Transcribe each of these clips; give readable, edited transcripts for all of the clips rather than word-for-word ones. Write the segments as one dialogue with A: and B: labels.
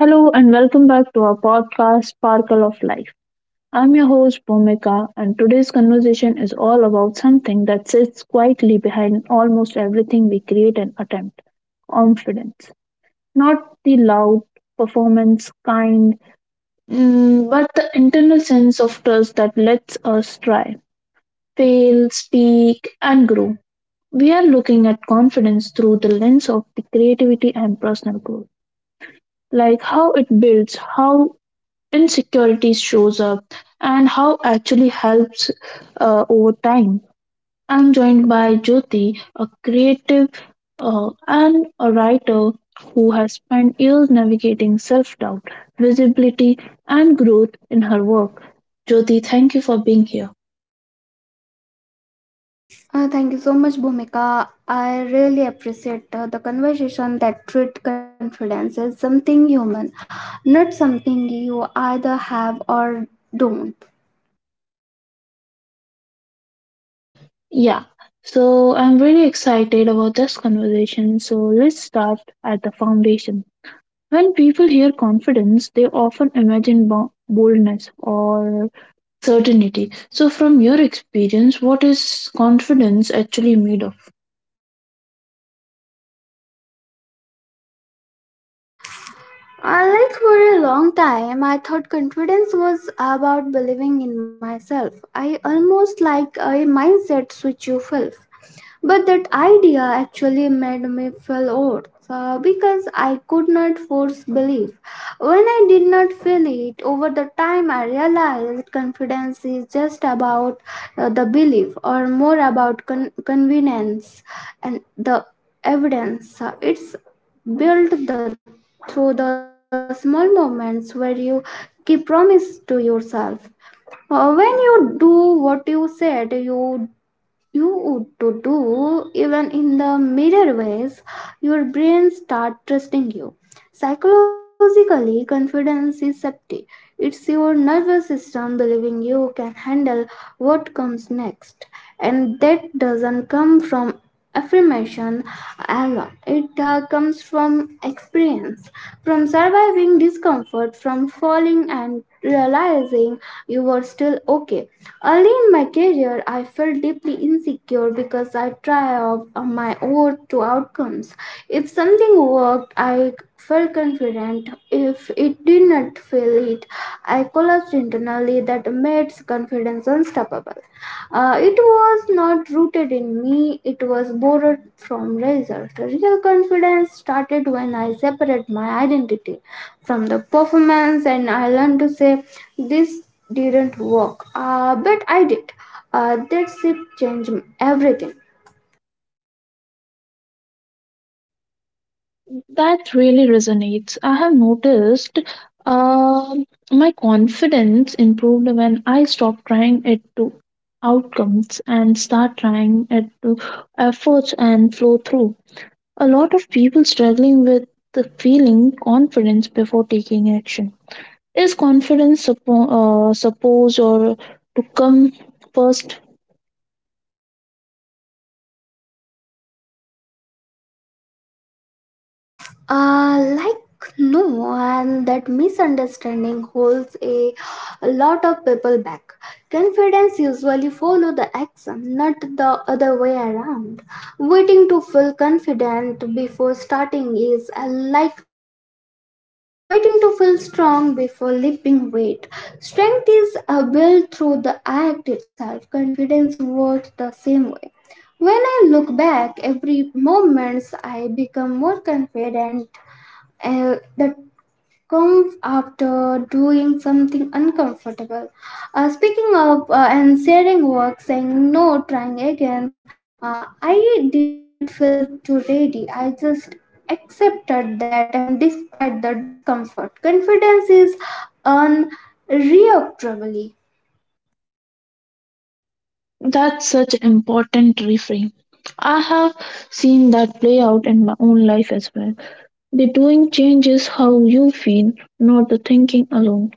A: Hello and welcome back to our podcast, Sparkle of Life. I'm your host, Bhumika, and today's conversation is all about something that sits quietly behind almost everything we create and attempt confidence. Not the loud, performance kind, but the internal sense of trust that lets us try, fail, speak, and grow. We are looking at confidence through the lens of the creativity and personal growth, like how it builds, how insecurities shows up and how actually helps over time. I'm joined by Jyoti, a creative and a writer who has spent years navigating self-doubt, visibility, and growth in her work. Jyoti, thank you for being here.
B: Thank you so much, Bhumika. I really appreciate the conversation that treat confidence as something human, not something you either have or don't.
A: Yeah, so I'm really excited about this conversation, so let's start at the foundation. When people hear confidence, they often imagine boldness or certainty. So, from your experience, what is confidence actually made of?
B: For a long time, I thought confidence was about believing in myself. I almost like a mindset switch you feel. But that idea actually made me feel old because I could not force belief. When I did not feel it, over the time I realized confidence is just about the belief or more about convenience and the evidence. It's build the through the small moments where you keep promise to yourself. When you do what you said you would to do even in the mirror ways, your brain start trusting you. Psychologically confidence is safety. It's your nervous system believing you can handle what comes next, and that doesn't come from affirmation alone. It comes from experience, from surviving discomfort, from falling and realizing you were still okay. Early in my career, I felt deeply insecure because I tried out my own to outcomes. If something worked, I felt confident. If it did not feel it, I collapsed internally. That made confidence unstoppable. It was not rooted in me, it was borrowed from results. Real confidence started when I separated my identity from the performance and I learned to say this didn't work but I did. That shift changed everything.
A: That really resonates. I have noticed um my confidence improved when I stopped trying it to outcomes and start trying it to efforts and flow through. A lot of people struggling with the feeling confidence before taking action. Is confidence supposed or to come first?
B: Uh, like no, and that misunderstanding holds a lot of people back. Confidence usually follow the action, not the other way around. Waiting to feel confident before starting is like waiting to feel strong before lifting weight. Strength is built through the act itself. Confidence works the same way. When I look back, every moment I become more confident the come after doing something uncomfortable. Speaking of and sharing work, saying no, trying again, I did not feel too ready. I just accepted that, and despite the discomfort, confidence is unreactably.
A: That's such important reframe. I have seen that play out in my own life as well. The doing changes how you feel, not the thinking alone.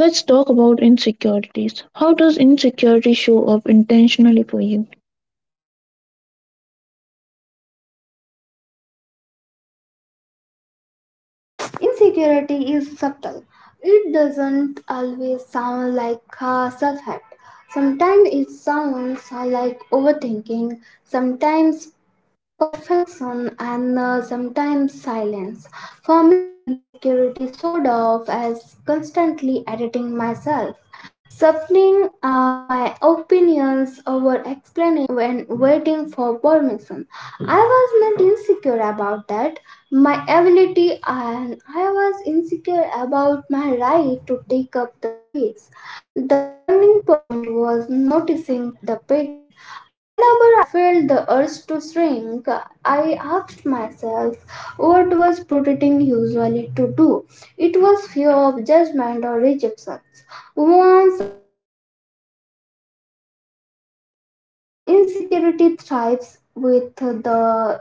A: Let's talk about insecurities. How does insecurity show up intentionally for you?
B: Insecurity is subtle. It doesn't always sound like self-help. Sometimes it sounds like overthinking. Sometimes perfection and sometimes silence. For me, insecurity showed off as constantly editing myself, softening my opinions over explaining when waiting for permission. I was not insecure about that, my ability, and I was insecure about my right to take up the space. The turning point was noticing the pattern. Whenever I felt the urge to shrink, I asked myself what was protecting usually to do. It was fear of judgment or rejection. Once I named that fear, it lost some power. Insecurity thrives with the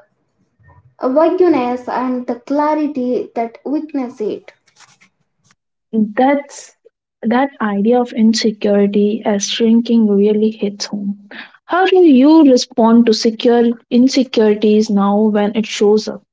B: vagueness and the clarity that witness it.
A: That's that idea of insecurity as shrinking really hits home. How do you respond to secure insecurities now when it shows up?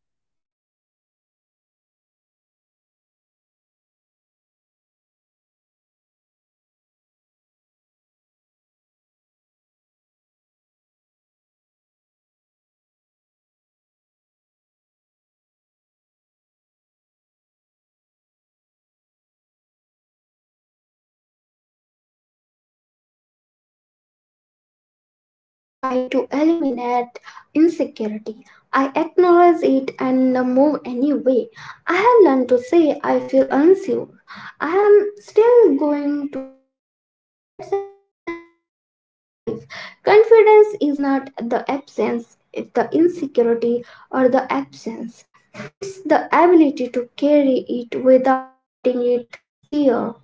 B: Ah, yes, it's like I don't try to eliminate insecurity. I acknowledge it and move anyway. I have learned to say I feel unsure. I am still going to do this. That sentence changed my life. Confidence is not the absence, it's the insecurity or the absence. It's the ability to carry it without letting it steer.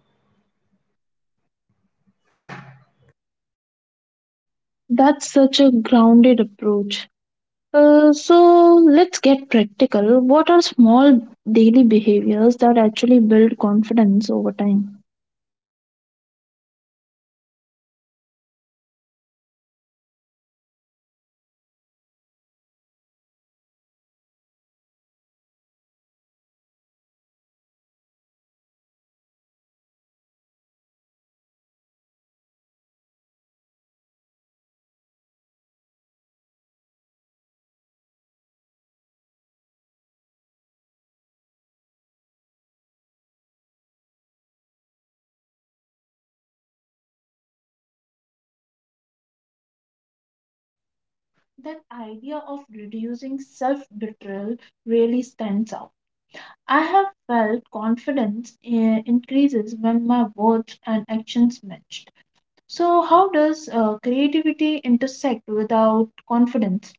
A: That's such a grounded approach.
B: And, and it's
A: Uh,
B: all
A: so
B: about
A: let's get
B: oh
A: practical.
B: without
A: What are
B: letting
A: small
B: it steer.
A: daily behaviors that actually build confidence over time? That idea of reducing self betrayal really stands out. I have felt confidence increases when my words and actions matched. So, how does creativity intersect without confidence?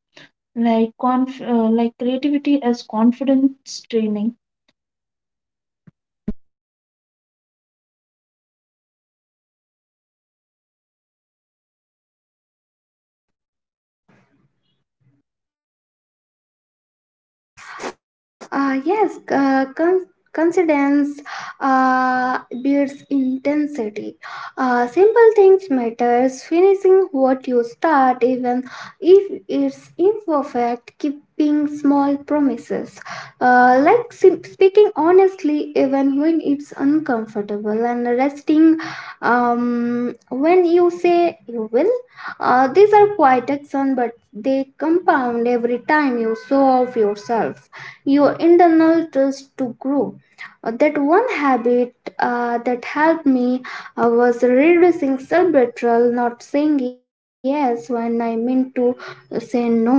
A: Like, like creativity as confidence training.
B: Yes, coincidence builds intensity. Simple things matters. Finishing what you start, even if it's imperfect, keeping small promises. Speaking honestly, even when it's uncomfortable, and resting when you say you will. These are quiet action, but they compound every time you show off yourself your internal trust to grow. That one habit that helped me was reducing self betrayal, not saying yes when I meant to say no.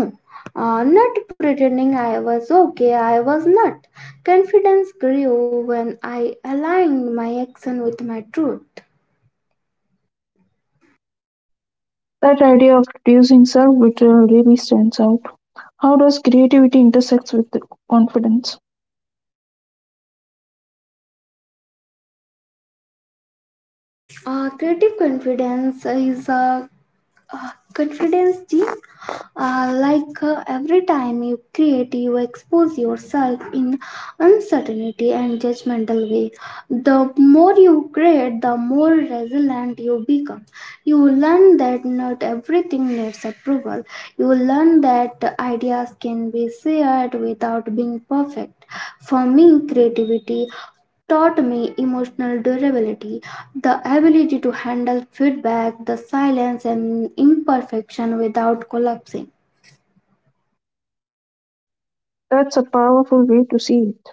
B: Not pretending I was okay, I was not. Confidence grew when I aligned my action with my truth.
A: That idea of reducing self betrayal really stands out. How does creativity intersect with confidence?
B: Creative confidence is a confidence deep. Every time you create, you expose yourself in uncertainty and judgmental way. The more you create, the more resilient you become. You learn that not everything needs approval. You learn that ideas can be shared without being perfect. For me, creativity me emotional durability, the ability to handle feedback, the silence, and imperfection without collapsing.
A: That's a powerful way to see it.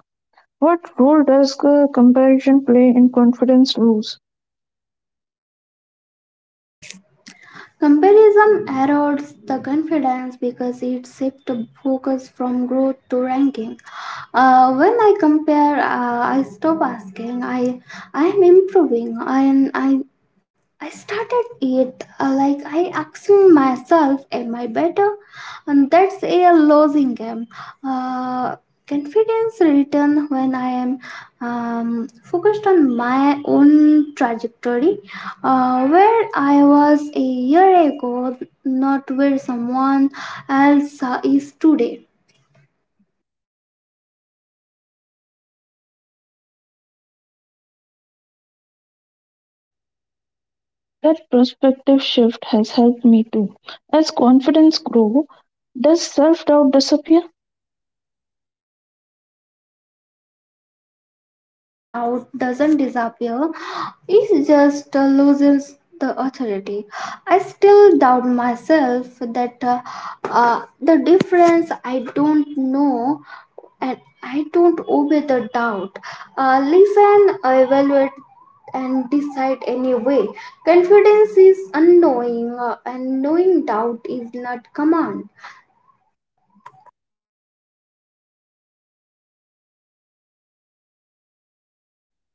A: What role does comparison play in confidence rules?
B: Comparison erodes the confidence because it shifts the focus from growth to ranking. When I compare, I stop asking. I am improving, and I started it like I asked myself, "Am I better?" And that's a losing game. Uh, Confidence return when I am focused on my own trajectory, where I was a year ago, not where someone else is today.
A: That perspective shift has helped me too. As confidence grows, does self doubt disappear?
B: Uh, no, self doubt doesn't disappear. It just loosens the authority. I still doubt myself that the difference I don't know and I don't obey the doubt. Listen, evaluate, and decide anyway. Confidence is unknowing, and knowing doubt is not command.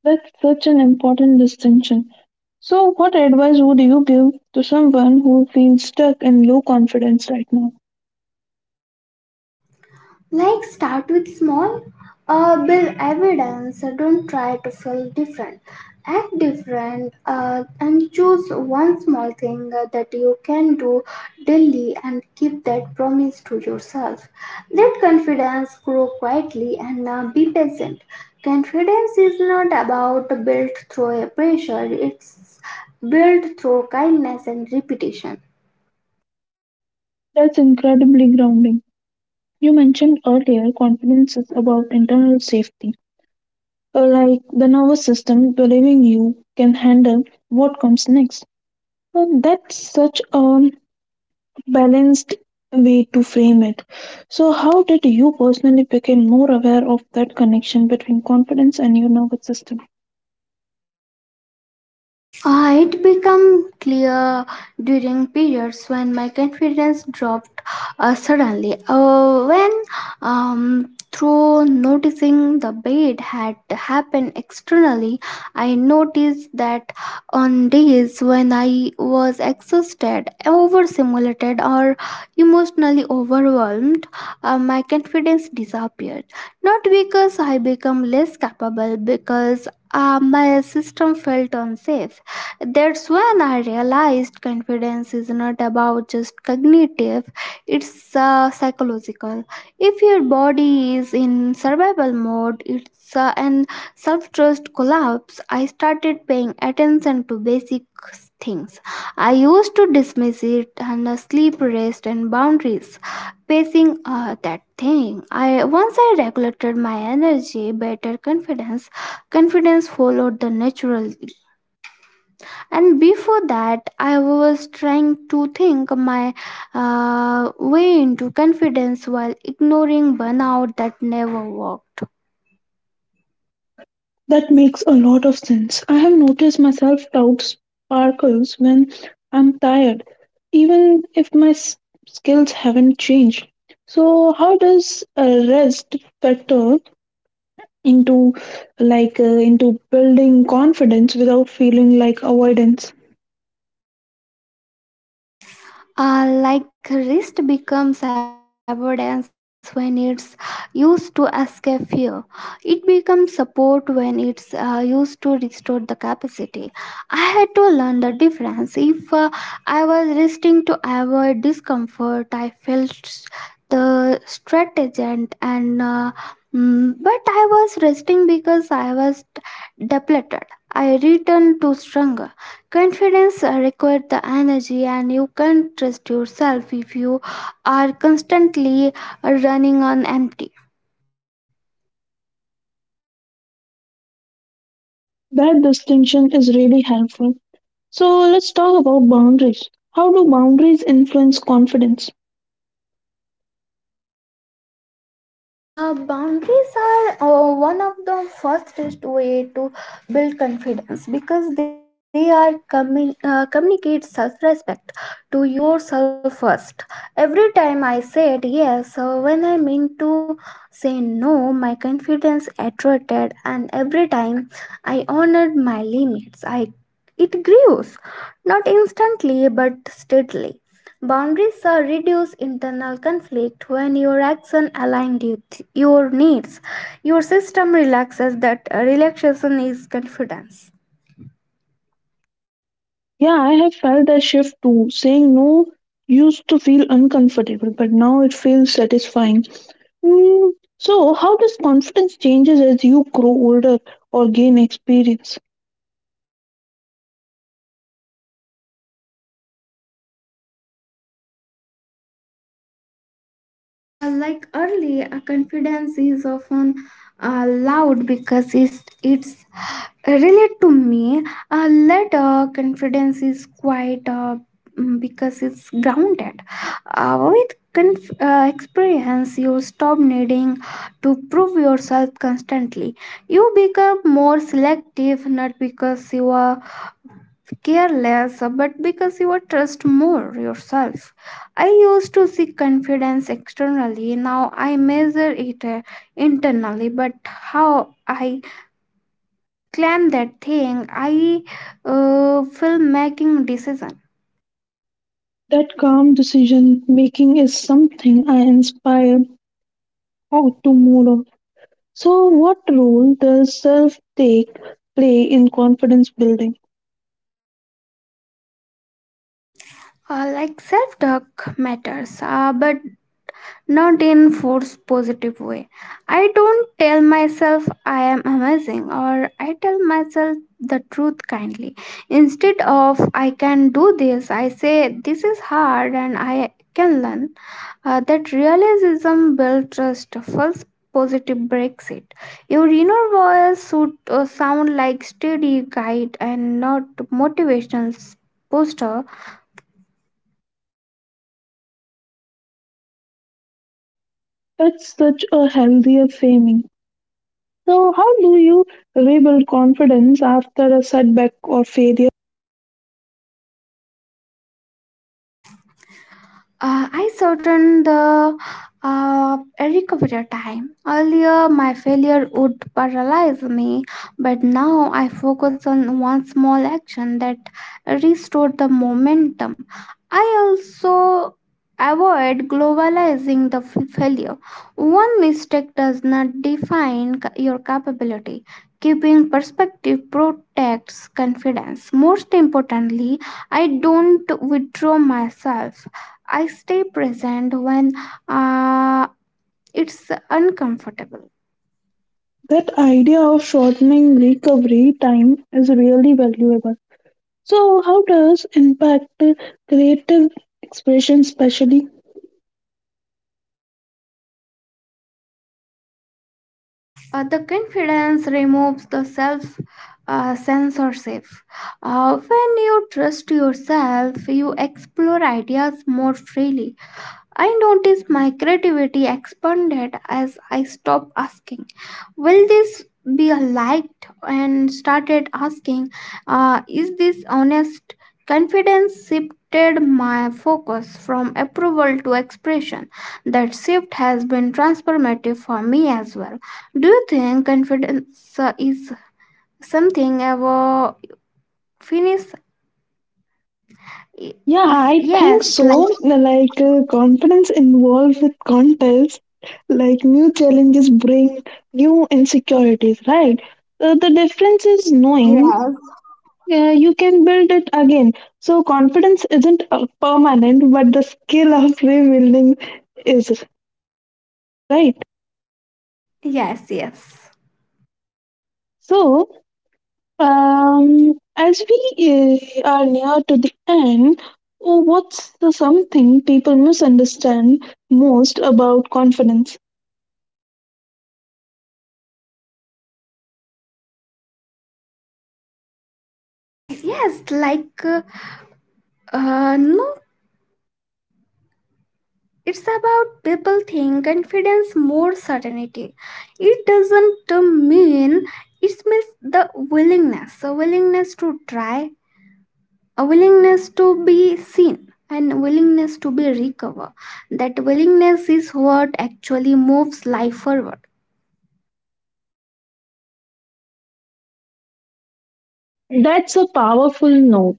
A: That's such an important distinction. So, what advice would you give to someone who feels stuck in low confidence right now?
B: Like start with small, build evidence. Don't try to feel different. Act different and choose one small thing that you can do daily and keep that promise to yourself. Let confidence grow quietly and be patient. Confidence is not about built through a pressure, it's built through kindness and repetition.
A: That's incredibly grounding. You mentioned earlier confidence is about internal safety. Like the nervous system believing you can handle what comes next. And that's such a balanced way to frame it. So, how did you personally become more aware of that connection between confidence and your nervous system?
B: It became clear during periods when my confidence dropped suddenly. Through noticing the bait had happened externally, I noticed that on days when I was exhausted, overstimulated, or emotionally overwhelmed, my confidence disappeared. Not because I became less capable, because my system felt unsafe. That's when I realized confidence is not about just cognitive, it's psychological. If your body is in survival mode, it's an self trust collapse. I started paying attention to basic things. I used to dismiss it and sleep, rest, and boundaries. Pacing that thing. I once I regulated my energy, better confidence. Confidence followed the natural and before that I was trying to think my way into confidence while ignoring burnout that never worked.
A: That makes a lot of sense. I have noticed myself doubt sparkles when I'm tired, even if my skills haven't changed. So, how does a rest factor into into building confidence without feeling like avoidance?
B: Rest becomes avoidance when it's used to escape fear. It becomes support when it's used to restore the capacity. I had to learn the difference. If I was resting to avoid discomfort, I felt the strategent and but I was resting because I was depleted. I returned to stronger. Confidence requires the energy, and you can't trust yourself if you are constantly running on empty.
A: That distinction is really helpful. So let's talk about boundaries. How do boundaries influence confidence?
B: Boundaries are one of the fastest way to build confidence because they are coming communicate self-respect to yourself first. Every time I said yes, when I meant to say no, my confidence attracted, and every time I honored my limits, I it grows, not instantly but steadily. Boundaries are reduce internal conflict when your action aligned with your needs. Your system relaxes that relaxation is confidence.
A: Yeah, I have felt a shift too. Saying no used to feel uncomfortable, but now it feels satisfying. Hmm, so how does confidence changes as you grow older or gain experience?
B: Early, a confidence is often loud because it's relate to me. Later, confidence is quite because it's grounded. Experience, you stop needing to prove yourself constantly. You become more selective, not because you are care less but because you trust more yourself. I used to seek confidence externally, now I measure it internally but how I claim that thing I feel making decision.
A: That calm decision making is something I inspire out to more of. So, what role does self take play in confidence building?
B: Self talk matters but not in force positive way. I don't tell myself I am amazing or I tell myself the truth kindly. Instead of I can do this I say this is hard and I can learn. That realism builds trust, false positive breaks it. Your inner voice should sound like steady guide and not motivational poster.
A: That's such a healthier framing. So, how do you rebuild confidence after a setback or failure?
B: I certain the recovery time. Earlier, my failure would paralyze me, but now I focus on one small action that restored the momentum. I also avoid globalizing the failure. One mistake does not define your capability. Keeping perspective protects confidence. Most importantly, I don't withdraw myself. I stay present when uh, it's uncomfortable.
A: That idea of shortening recovery time is really valuable. So, how does impact creative expression, especially?
B: The confidence removes the self censorship. When you trust yourself, you explore ideas more freely. I noticed my creativity expanded as I stopped asking, "Will this be a liked?" and started asking, this honest? Confidence shifted my focus from approval to expression. That shift has been transformative for me as well. Do you think confidence is something ever finish?
A: Yeah,
B: If
A: I think
B: yes, like
A: so. Like confidence involved with contest, like new challenges bring new insecurities, right? So the difference is knowing
B: yes,
A: you can build it again. So confidence isn't permanent, but the skill of rebuilding is, right?
B: yes, yes.
A: So as we are near to the end, oh, what's the something people misunderstand most about confidence?
B: Uh, yes, like, uh, no, it's about people think confidence more certainty. It doesn't mean it means the willingness, a willingness to try, a willingness to be seen, and willingness to be recover. That willingness is what actually moves life forward.
A: That's a powerful note.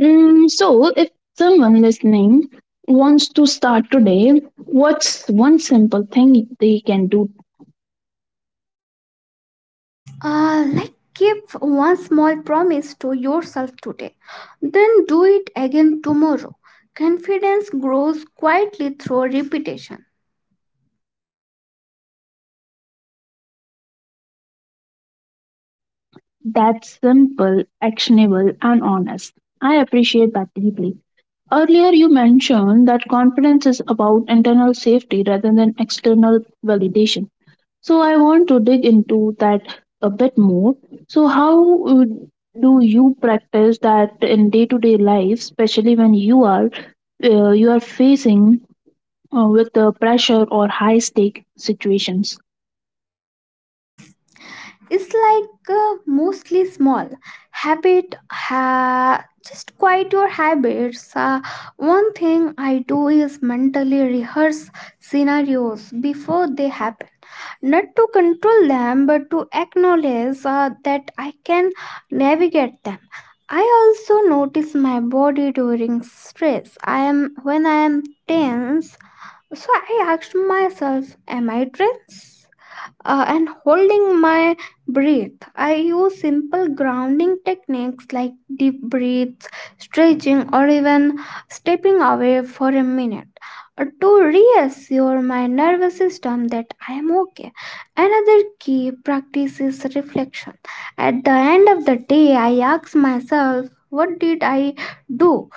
A: Mm, so, if someone listening wants to start today, what's one simple thing they can do?
B: Give one small promise to yourself today, then do it again tomorrow. Confidence grows quietly through repetition.
A: That's simple, actionable, and honest? I appreciate that deeply. Earlier, you mentioned that confidence is about internal safety rather than external validation. So I want to dig into that a bit more. So how do you practice that in day-to-day life, especially when you are facing with the pressure or high-stake situations?
B: It's like mostly small habit. Just quiet your habits. One thing I do is mentally rehearse scenarios before they happen. Not to control them but to acknowledge that I can navigate them. I also notice my body during stress. I am when i am tense, so I asked myself, am I tense and holding my breath? I use simple grounding techniques like deep breaths, stretching, or even stepping away for a minute to reassure my nervous system that I am okay. Another key practice is reflection. At the end of the day, I ask myself, what did I do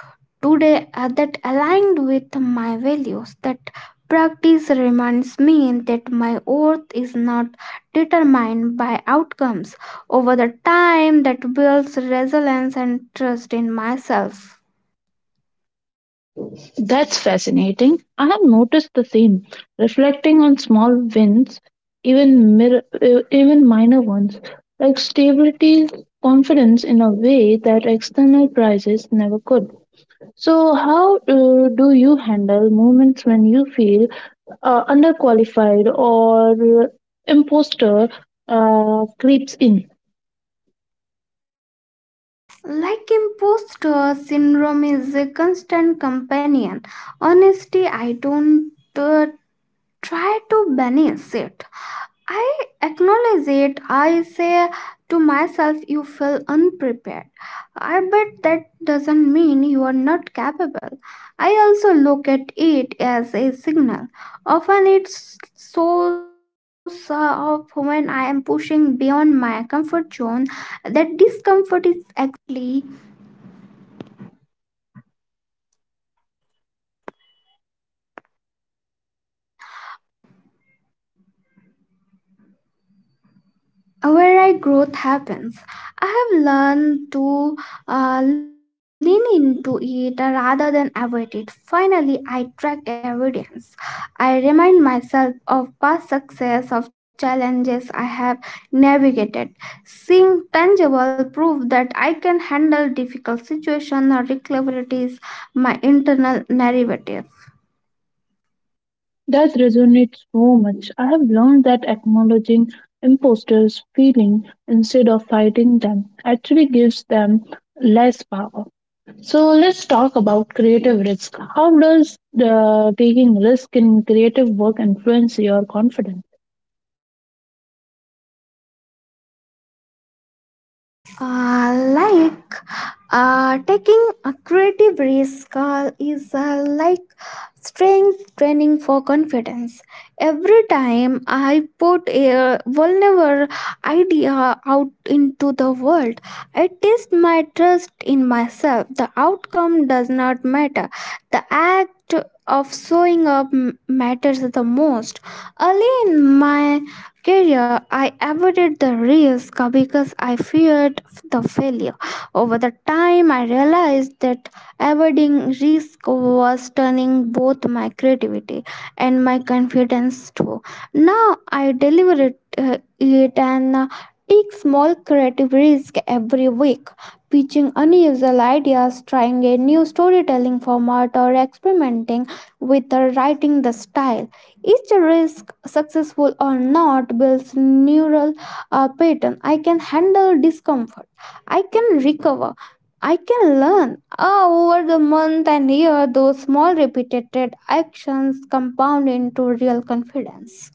B: today that aligned with my values? That practice reminds me that my worth is not determined by outcomes. Over the time, that builds resilience and trust in myself.
A: That's fascinating. I have noticed the same. Reflecting on small wins, even even minor ones, like stability, confidence in a way that external prizes never could. So, how do you handle moments when you feel underqualified or imposter creeps in?
B: Like, imposter syndrome is a constant companion. Honestly, I don't try to banish it. I acknowledge it. I say to myself, you feel unprepared. I bet that doesn't mean you are not capable. I also look at it as a signal. Often it shows up when I am pushing beyond my comfort zone, where I growth happens. I have learned to lean into it rather than avoid it. Finally, I track evidence. I remind myself of past success, of challenges I have navigated. Seeing tangible proof that I can handle difficult situations or difficulties, my internal narrative.
A: That resonates so much. I have learned that acknowledging imposters' feeling instead of fighting them actually gives them less power. So, let's talk about creative risk. How does taking risk in creative work influence your confidence?
B: Uh, like Taking a creative risk is, like, strength training for confidence. Every time I put a vulnerable idea out into the world, I test my trust in myself. The outcome does not matter. The act of showing up matters the most. Early in my career, I avoided the risk because I feared the failure. Over the time, I realized that avoiding risk was turning both my creativity and my confidence too. Now I deliver it, and take small creative risk every week, pitching unusual ideas, trying a new storytelling format, or experimenting with writing the style. Each risk, successful or not, builds neural pattern. I can handle discomfort. I can recover. I can learn. Over the month and year, those small repeated actions compound into real confidence.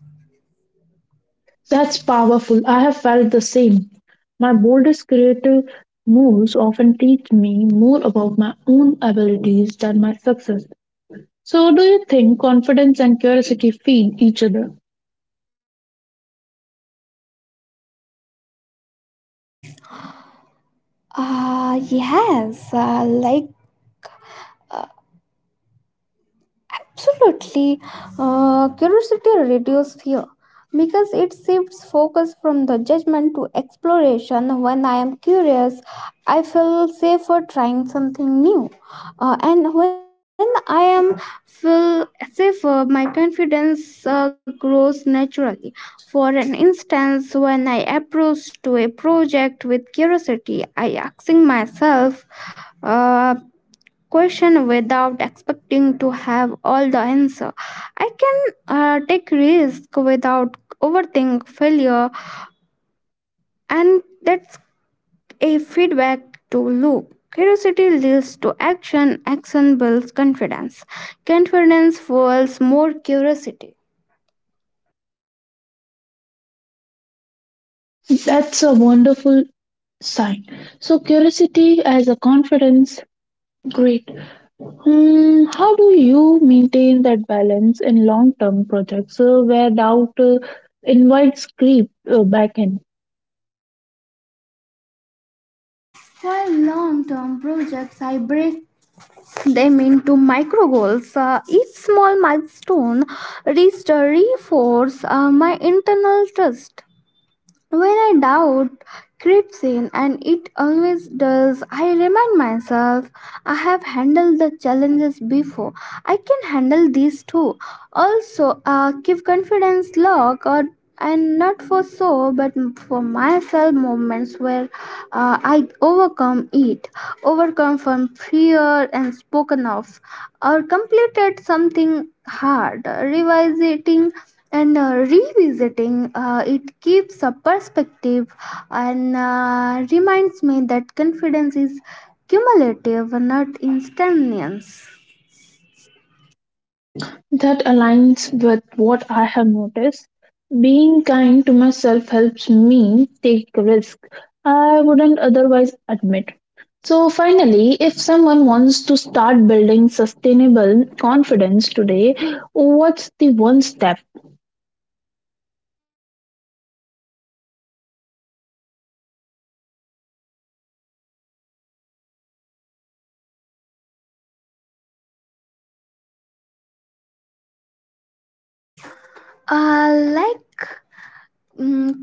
A: That's powerful. I have felt the same. My boldest creative moves often teach me more about my own abilities than my success. So, do you think confidence and curiosity feed each other?
B: Yes, absolutely. Curiosity reduces fear because it shifts focus from the judgment to exploration. When I am curious, I feel safer trying something new. And when I am feel safer, my confidence grows naturally. For an instance, when I approach to a project with curiosity, I asking myself uh, question without expecting to have all the answer. I can take risk without overthink failure, and that's a feedback to loop. Curiosity leads to action. Action builds confidence. Confidence fuels more curiosity.
A: That's a wonderful sign. So, curiosity as a confidence, great. Hmm, how do you maintain that balance in long term projects where doubt invites creep back in?
B: For long term projects, I break them into micro goals. Each small milestone reached reinforces my internal trust. When I doubt creeps in, and it always does, I remind myself I have handled the challenges before. I can handle these too. Also, keep confidence log or and not for so myself moments where I overcome it overcome from fear and spoken of or completed something hard, revising and revisiting it. Keeps a perspective and reminds me that confidence is cumulative, not instantaneous.
A: That aligns with what I have noticed. Being kind to myself helps me take risks I wouldn't otherwise admit. So, finally, if someone wants to start building sustainable confidence today, what's the one step?
B: uh, like mm,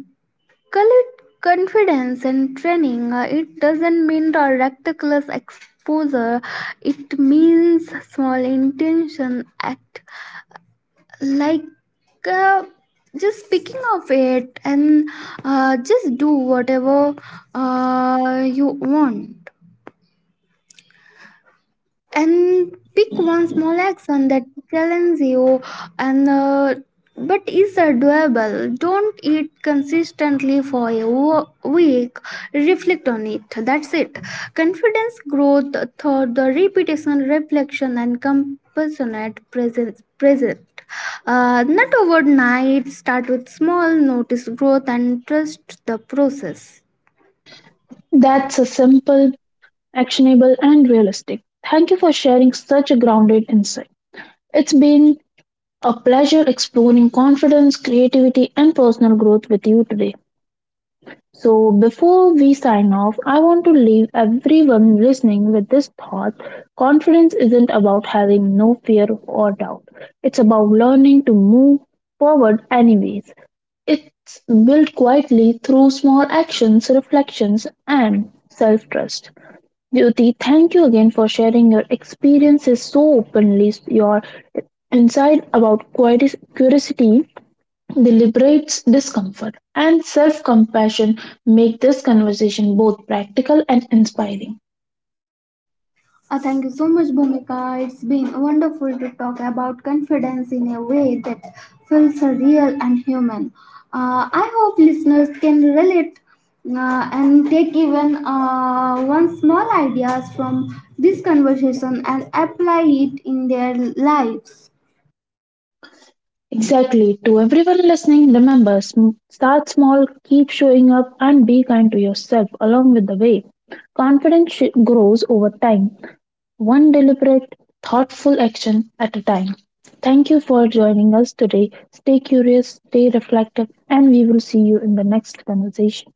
B: Call it confidence and training. It doesn't mean a reckless exposure, it means small intention, like uh, just speaking of it and just do whatever you want, and pick one small action that challenges you and but is doable. Don't eat consistently for a week, reflect on it. That's it. Confidence growth through the repetition, reflection, and compassionate presence present, not overnight. Start with small, notice growth, and trust the process.
A: That's a simple, actionable, and realistic? Thank you for sharing such a grounded insight. It's been a pleasure exploring confidence, creativity, and personal growth with you today. So, before we sign off, I want to leave everyone listening with this thought: confidence isn't about having no fear or doubt, it's about learning to move forward, anyways. It's built quietly through small actions, reflections, and self trust. Jyoti, thank you again for sharing your experiences so openly. Your insight about curiosity, deliberates discomfort and self compassion make this conversation both practical and inspiring.
B: Thank you so much, Bhumika. It's been wonderful to talk about confidence in a way that feels real and human. I hope listeners can relate and take even one small ideas from this conversation and apply it in their lives.
A: Exactly. To everyone listening, remember start small, keep showing up, and be kind to yourself along with the way. Confidence grows over time, one deliberate, thoughtful action at a time. Thank you for joining us today. Stay curious, stay reflective, and we will see you in the next conversation.